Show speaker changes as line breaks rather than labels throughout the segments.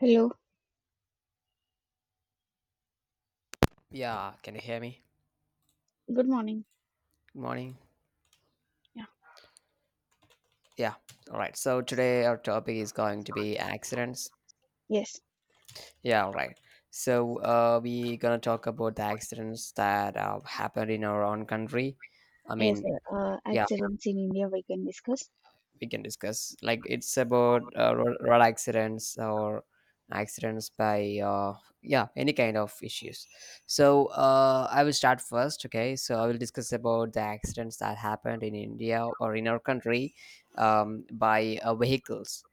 Hello,
Yeah, can you hear me?
good morning.
Good morning.
Yeah,
Yeah, all right. So today our topic is going to be accidents.
yes,
Yeah, all right. So we gonna talk about the accidents that happened in our own country. I
yes,
mean, yeah,
accidents in India we can discuss.
we can discuss. Like it's about road accidents or accidents by yeah any kind of issues. So I will start first. Okay, so I will discuss about the accidents that happened in India or in our country by vehicles.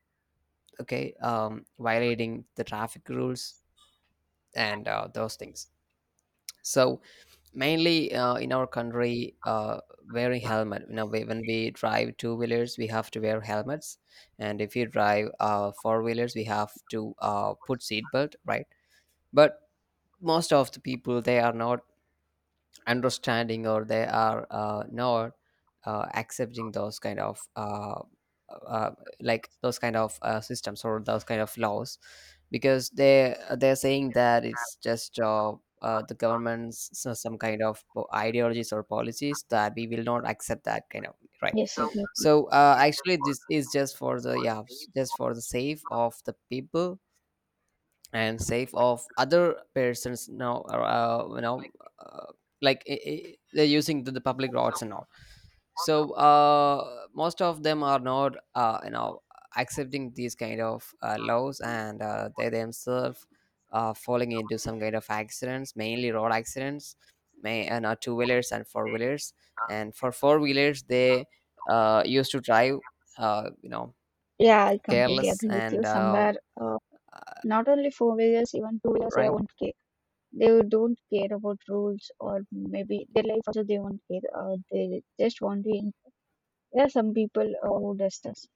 Okay, violating the traffic rules and those things. So mainly in our country wearing helmet when we drive two wheelers we have to wear helmets, and if you drive four wheelers we have to put seatbelt, right? But most of the people, they are not understanding, or they are not accepting those kind of uh, uh, like those kind of systems or those kind of laws, because they're saying that it's just the government's some kind of ideologies or policies that we will not accept that kind of, right.
Yes, Oh. Exactly.
So actually this is just for the yeah just for the sake of the people, and safe of other persons now. Uh, like they're using the public roads and all. So most of them are not accepting these kind of laws, and they themselves are falling into some kind of accidents, mainly road accidents, may and two wheelers and four wheelers. And for four wheelers they used to drive uh, you know
Yeah, I completely
careless,
agree with
and
you. Uh, Not only four wheelers, even two wheelers, they
right.
won't care. They don't care about rules or maybe their life also they won't care. They just want to. There are some people who does this.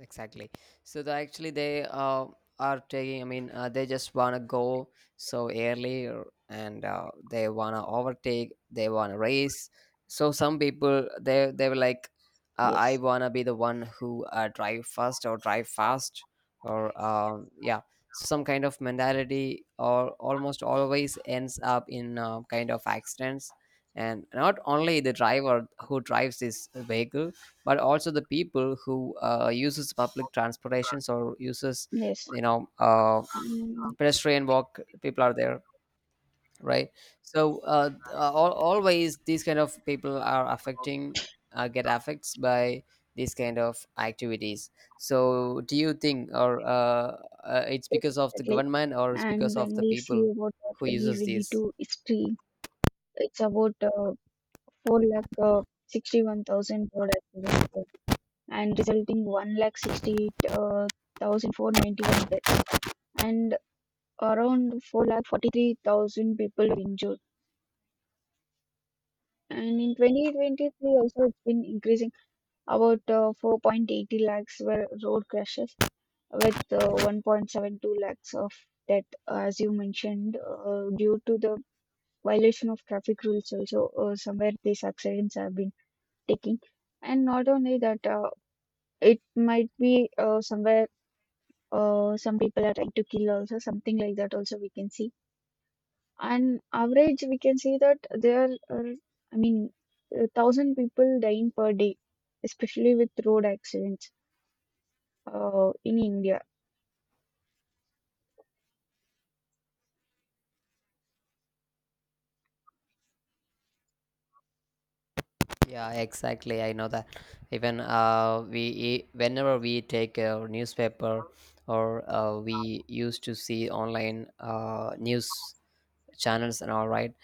Exactly. So they actually they are taking. I mean, they just wanna go so early, and they wanna overtake. They wanna race. So some people, they were like, I
Yes,
wanna be the one who drive first or drive fast. Or um, yeah, So, some kind of mentality or almost always ends up in kind of accidents. And not only the driver who drives this vehicle, but also the people who uses public transportations or uses
yes,
you know uh,
Mm,
pedestrian walk people are there, right. So th- al always these kind of people are affecting, get affects by these kind of activities. So do you think, or it's
yes,
because of the
exactly.
government or it's because
And
of
when
the
we see
people
about the
who uses these?
2022 history, it's about 4 lakh 61,000 road accidents, and resulting 1 lakh sixty eight thousand four ninety one deaths, and around 4,43,000 people injured. And in 2023 also it's been increasing about 4.80 lakhs were road crashes with 1.72 lakhs of death, as you mentioned, due to the violation of traffic rules. Also somewhere these accidents have been taking. And not only that, It might be somewhere some people are trying to kill, also something like that also we can see. On average, we can see that there are, I mean, 1,000 people dying per day, especially with road accidents in India.
Yeah, exactly. I know that. Even whenever we take a newspaper, or we used to see online news channels and all, right.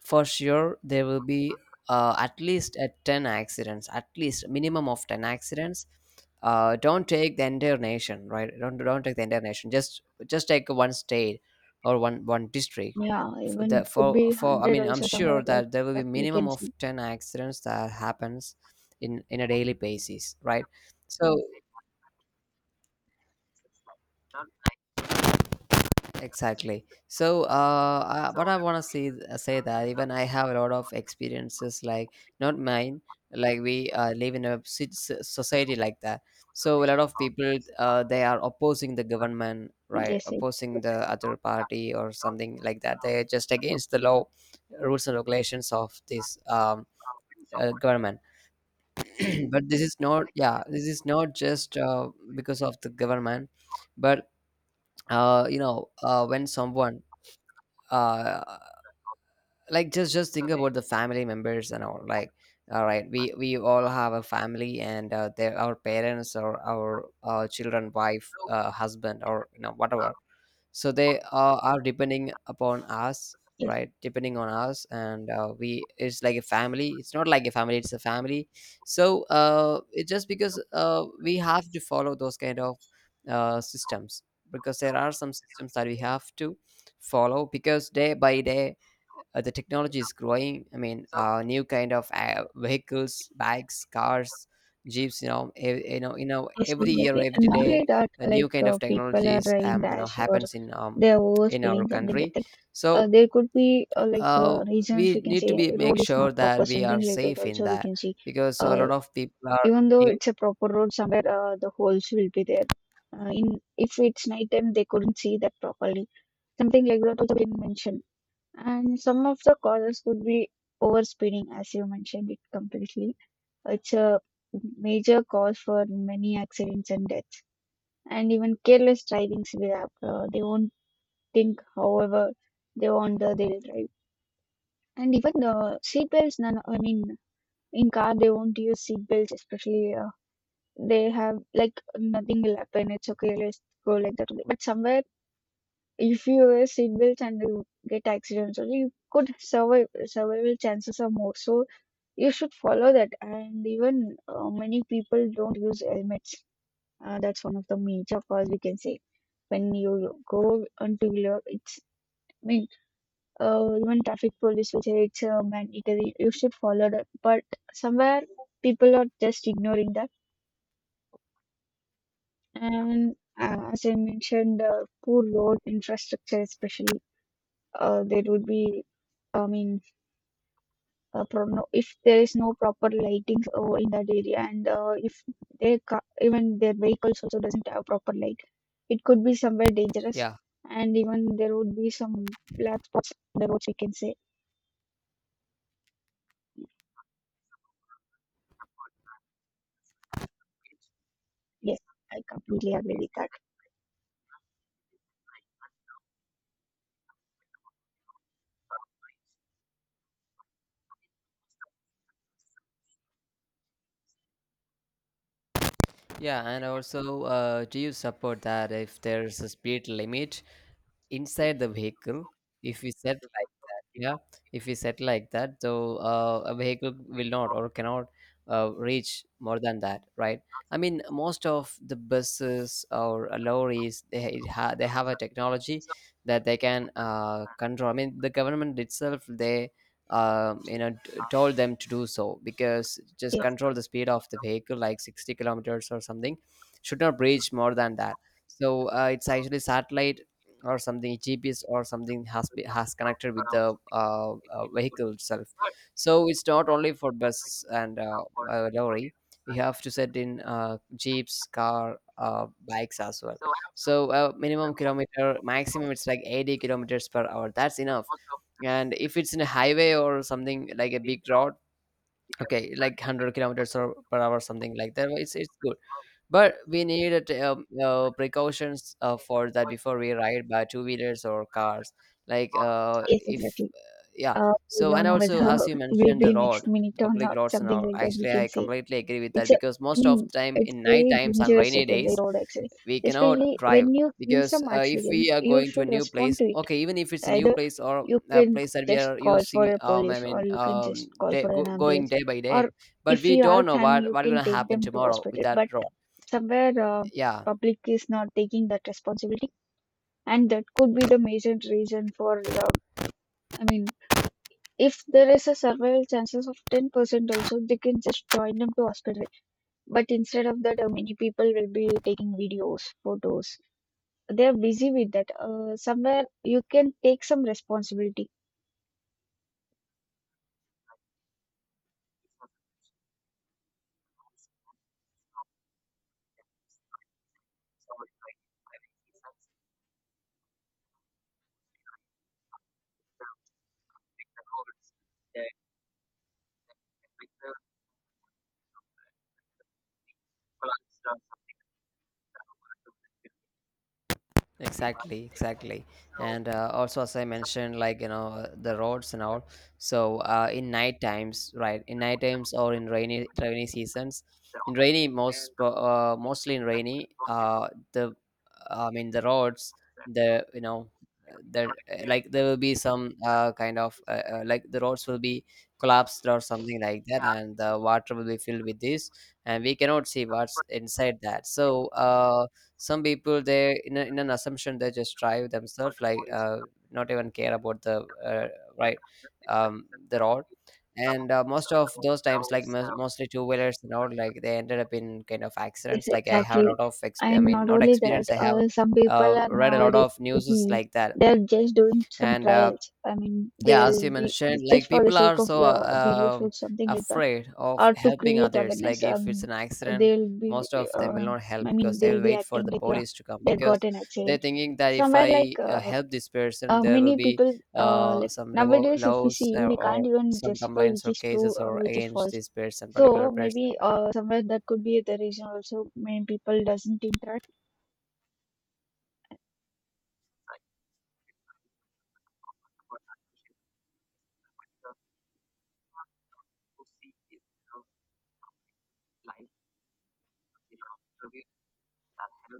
For sure there will be at least at 10 accidents, at least minimum of 10 accidents. Don't take the entire nation, right. Don't take the entire nation, just take one state or one district.
Yeah,
For
even
the
could be
for I
hundred
mean, I'm
also
sure
somewhere like
that there will be
that we
minimum
can
of
see.
10 accidents that happens in a daily basis, right. So, exactly. So, what I want to say that, even I have a lot of experiences, like not mine. Like we live in a society like that. So a lot of people, they are opposing the government, right?
Yes, I-
Opposing the other party or something like that. They are just against the law, rules and regulations of this government. But this is not, just because of the government, but when someone uh, like just think about the family members and all. Like, all right, we all have a family, and they, our parents or our children, wife, husband, or whatever. So they are depending upon us,
yes.
right. Depending on us. And we it's like a family, it's not like a family, it's a family. So it just because we have to follow those kind of systems, because there are some systems that we have to follow. Because day by day the technology is growing. I mean new kind of vehicles, bikes, cars, jeeps,
Yes,
every year,
exactly. And
every
not
day
like that,
a new
like
kind of
people are
technologies
driving rash or
happens
they are
in our
overspeeding, something like
country.
that.
So
There could be
uh,
reasons,
we
we can
need
say
to be make
road is
sure
not proper,
that we are
something like that.
safe in
Also, we
that,
can see,
because a
uh,
lot of people are
even though
new
it's a proper road, somewhere the holes will be there. In If it's night time, they couldn't see that properly. Something like that also been mentioned. And some of the causes could be overspeeding, as you mentioned it completely. It's a major cause for many accidents and deaths, and even careless driving severe. They won't think however they want. They'll drive. And even the seat belts, none I mean in car they won't use seat belts, especially. They have like nothing will happen, it's okay, let's go, like that only. But somewhere if you wear seat belts and you get accidents only, you could survive, survival chances are more, so you should follow that. And even many people don't use helmets. That's one of the major cause we can say. When you go on two wheeler, it's, I mean, even traffic police will say it's mandatory. You should follow that, but somewhere people are just ignoring that. And as I mentioned, poor road infrastructure, especially, there would be, I mean, problem if there is no proper lighting in that area. And if even their vehicles also doesn't have proper light, it could be somewhere dangerous.
yeah,
And even there would be some black spots on the roads, we can say. Yes, I completely agree with that.
yeah. And also do you support that if there's a speed limit inside the vehicle? If we set like that, yeah, if we set like that so a vehicle will not or cannot reach more than that, right. I mean, most of the buses or lorries, they ha- it ha- they have a technology that they can control. I mean, the government itself, they told them to do so, because just
Yes,
control the speed of the vehicle, like 60 kilometers or something, should not reach more than that. So it's actually satellite or something, GPS or something has has connected with the vehicle itself. So it's not only for buses and lorry. We have to set in jeeps, car, bikes as well. So minimum kilometer, maximum it's like 80 kilometers per hour. That's enough. And if it's in a highway or something like a big road, okay, like 100 kilometers or per hour, something like that. It's good, but we need it, precautions for that before we ride by two wheelers or cars, like
yes,
if
exactly.
yeah
We
so. And
don't know
also
whether
as you
we'll
mentioned,
be
the road
next minute
the
or
public
not,
roads and
something
all,
like that we
actually
can
I
say.
completely agree with that,
It's a,
because
i
most
mean
of the time
it's
in night
very
times and
dangerous, we
rainy
can say,
days
road accident.
we cannot
Especially
drive.
when you see
Because
some
if we
accidents,
are
you
going to a
should
new
respond
place,
to.
okay, even if it's a new
Either
place, or
you
a
can
place that we
just
are
call for
using,
a
I
police, or
mean
you can just call
day,
for an
going
ambulance.
day by
Or
day, but
if
we
you
don't
have
know
time,
what
you can
gonna
take
happen
them to
tomorrow with
hospital.
that
But
road.
somewhere
Yeah,
public is not taking that responsibility, and that could be the major reason for the, I mean, if there is a survival chances of 10% also, they can just join them to hospital. But instead of that, many people will be taking videos, photos. They are busy with that. Somewhere you can take some responsibility.
exactly, exactly. And also as I mentioned, like the roads and all. So in night times, right, in night times or in rainy, seasons. In rainy, mostly in rainy, the, I mean the roads, the there, like there will be some kind of like the roads will be collapsed or something like that, and the water will be filled with this, and we cannot see what's inside that. So some people, they in an assumption, they just drive themselves like, not even care about the, right, the road. And most of those times, like mostly two wheelers and all, like they ended up in kind of
Yes,
accidents. Like I have a
exactly.
lot of I
And
mean,
not
not
only that,
experience, I have
some people are
read a lot
nowadays
of news
busy.
like that.
They're just doing some
And
trials. I mean,
yeah, as you
they'll be
mentioned,
just
like
for the
people are
sake of
so
video shoots, something like that,
afraid of
or to
helping
create
others, like
awareness.
if it's an accident
They'll be,
most of them will
uh,
not help, because they will
they'll be
wait for
acting
the
like
police to come,
they
because
got an
they're
accident
thinking that if
somewhere,
I
like
help this person there will
many
be
people, like
some
nowadays if we see,
laws, or
we can't even
some
justify
complaints
which
or
is true
cases
or
or
which is
against
false.
this person, particular
So
person.
maybe somewhere that could be the reason, also many people doesn't interact.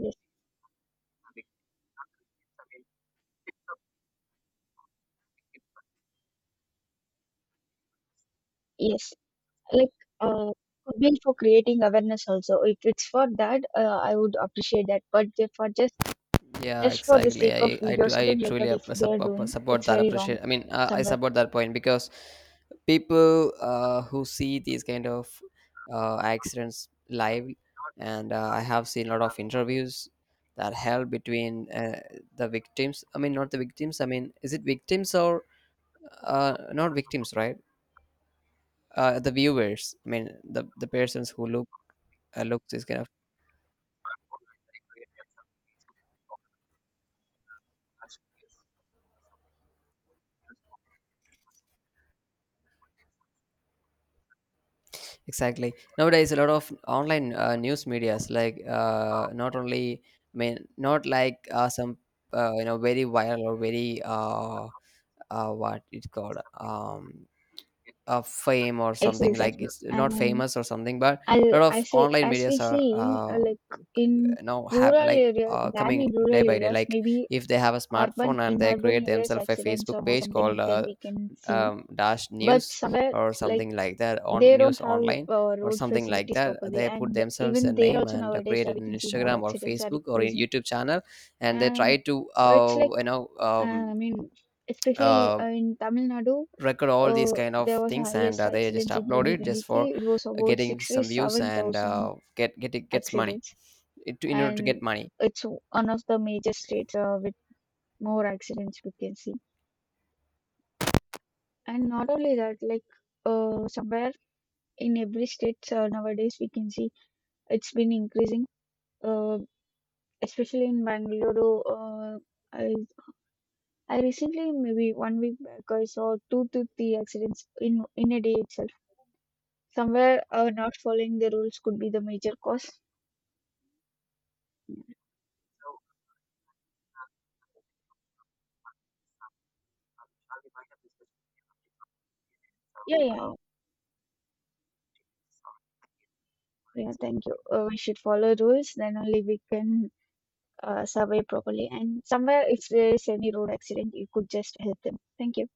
Yes, yes. Like uh, could be for creating awareness also, if it's for that, I would appreciate that. But if for just
Yeah,
just for the
exactly.
sake of
I
video
do. I
something like
truly
that, if they are doing,
support
it's
that.
very wrong
Appreciate. I mean, I
somewhere.
support that point, because people who see these kind of accidents live, and I have seen a lot of interviews that held between the victims. I mean, not the victims. I mean, is it victims or not victims? Right? The viewers. I mean, the persons who look this kind of. Exactly. Nowadays, a lot of online news medias, like not only, I mean, not like some, very viral or very, what it's called, fame or
Yes,
something. Like
exactly.
it's not
And
famous or something, but
I
a lot
I
of
say,
online
as we
medias are
see, in
now have, like coming
in
day
rural
by day,
areas
like
maybe,
if they have a
urban
smartphone and
in
they
urban
create
areas
themselves a
accidents
Facebook
or more,
page
something
called
like that we can see.
dash
But
news
somewhere,
or
like
something like that, on
they
news
don't have
online or
road
something like
facilities
that.
properly.
They put
And
themselves a
even there
name,
also
and
nowadays
created
we
an
can see more
Instagram or
accidents are
Facebook or a
decreasing.
YouTube channel, and they try
And
to
it's like, uh, I mean especially
uh,
in Tamil Nadu,
record all these kind of
there was a
things, and
highest
they just
accidents in
upload it just
2023.
for
It was about
getting some views, and
67,000
get it gets money,
accidents,
in order to get
and
money.
it's one of the major states with more accidents we can see. And not only that, like somewhere in every state nowadays we can see it's been increasing, uh, especially in Bangalore. I, I recently, maybe 1 week back, I saw 2 to 3 accidents in a day itself. Somewhere not following the rules could be the major cause. Yeah, yeah, yeah. Thank you. We should follow rules, then only we can survey properly. And somewhere, if there is any road accident, you could just help them. Thank you.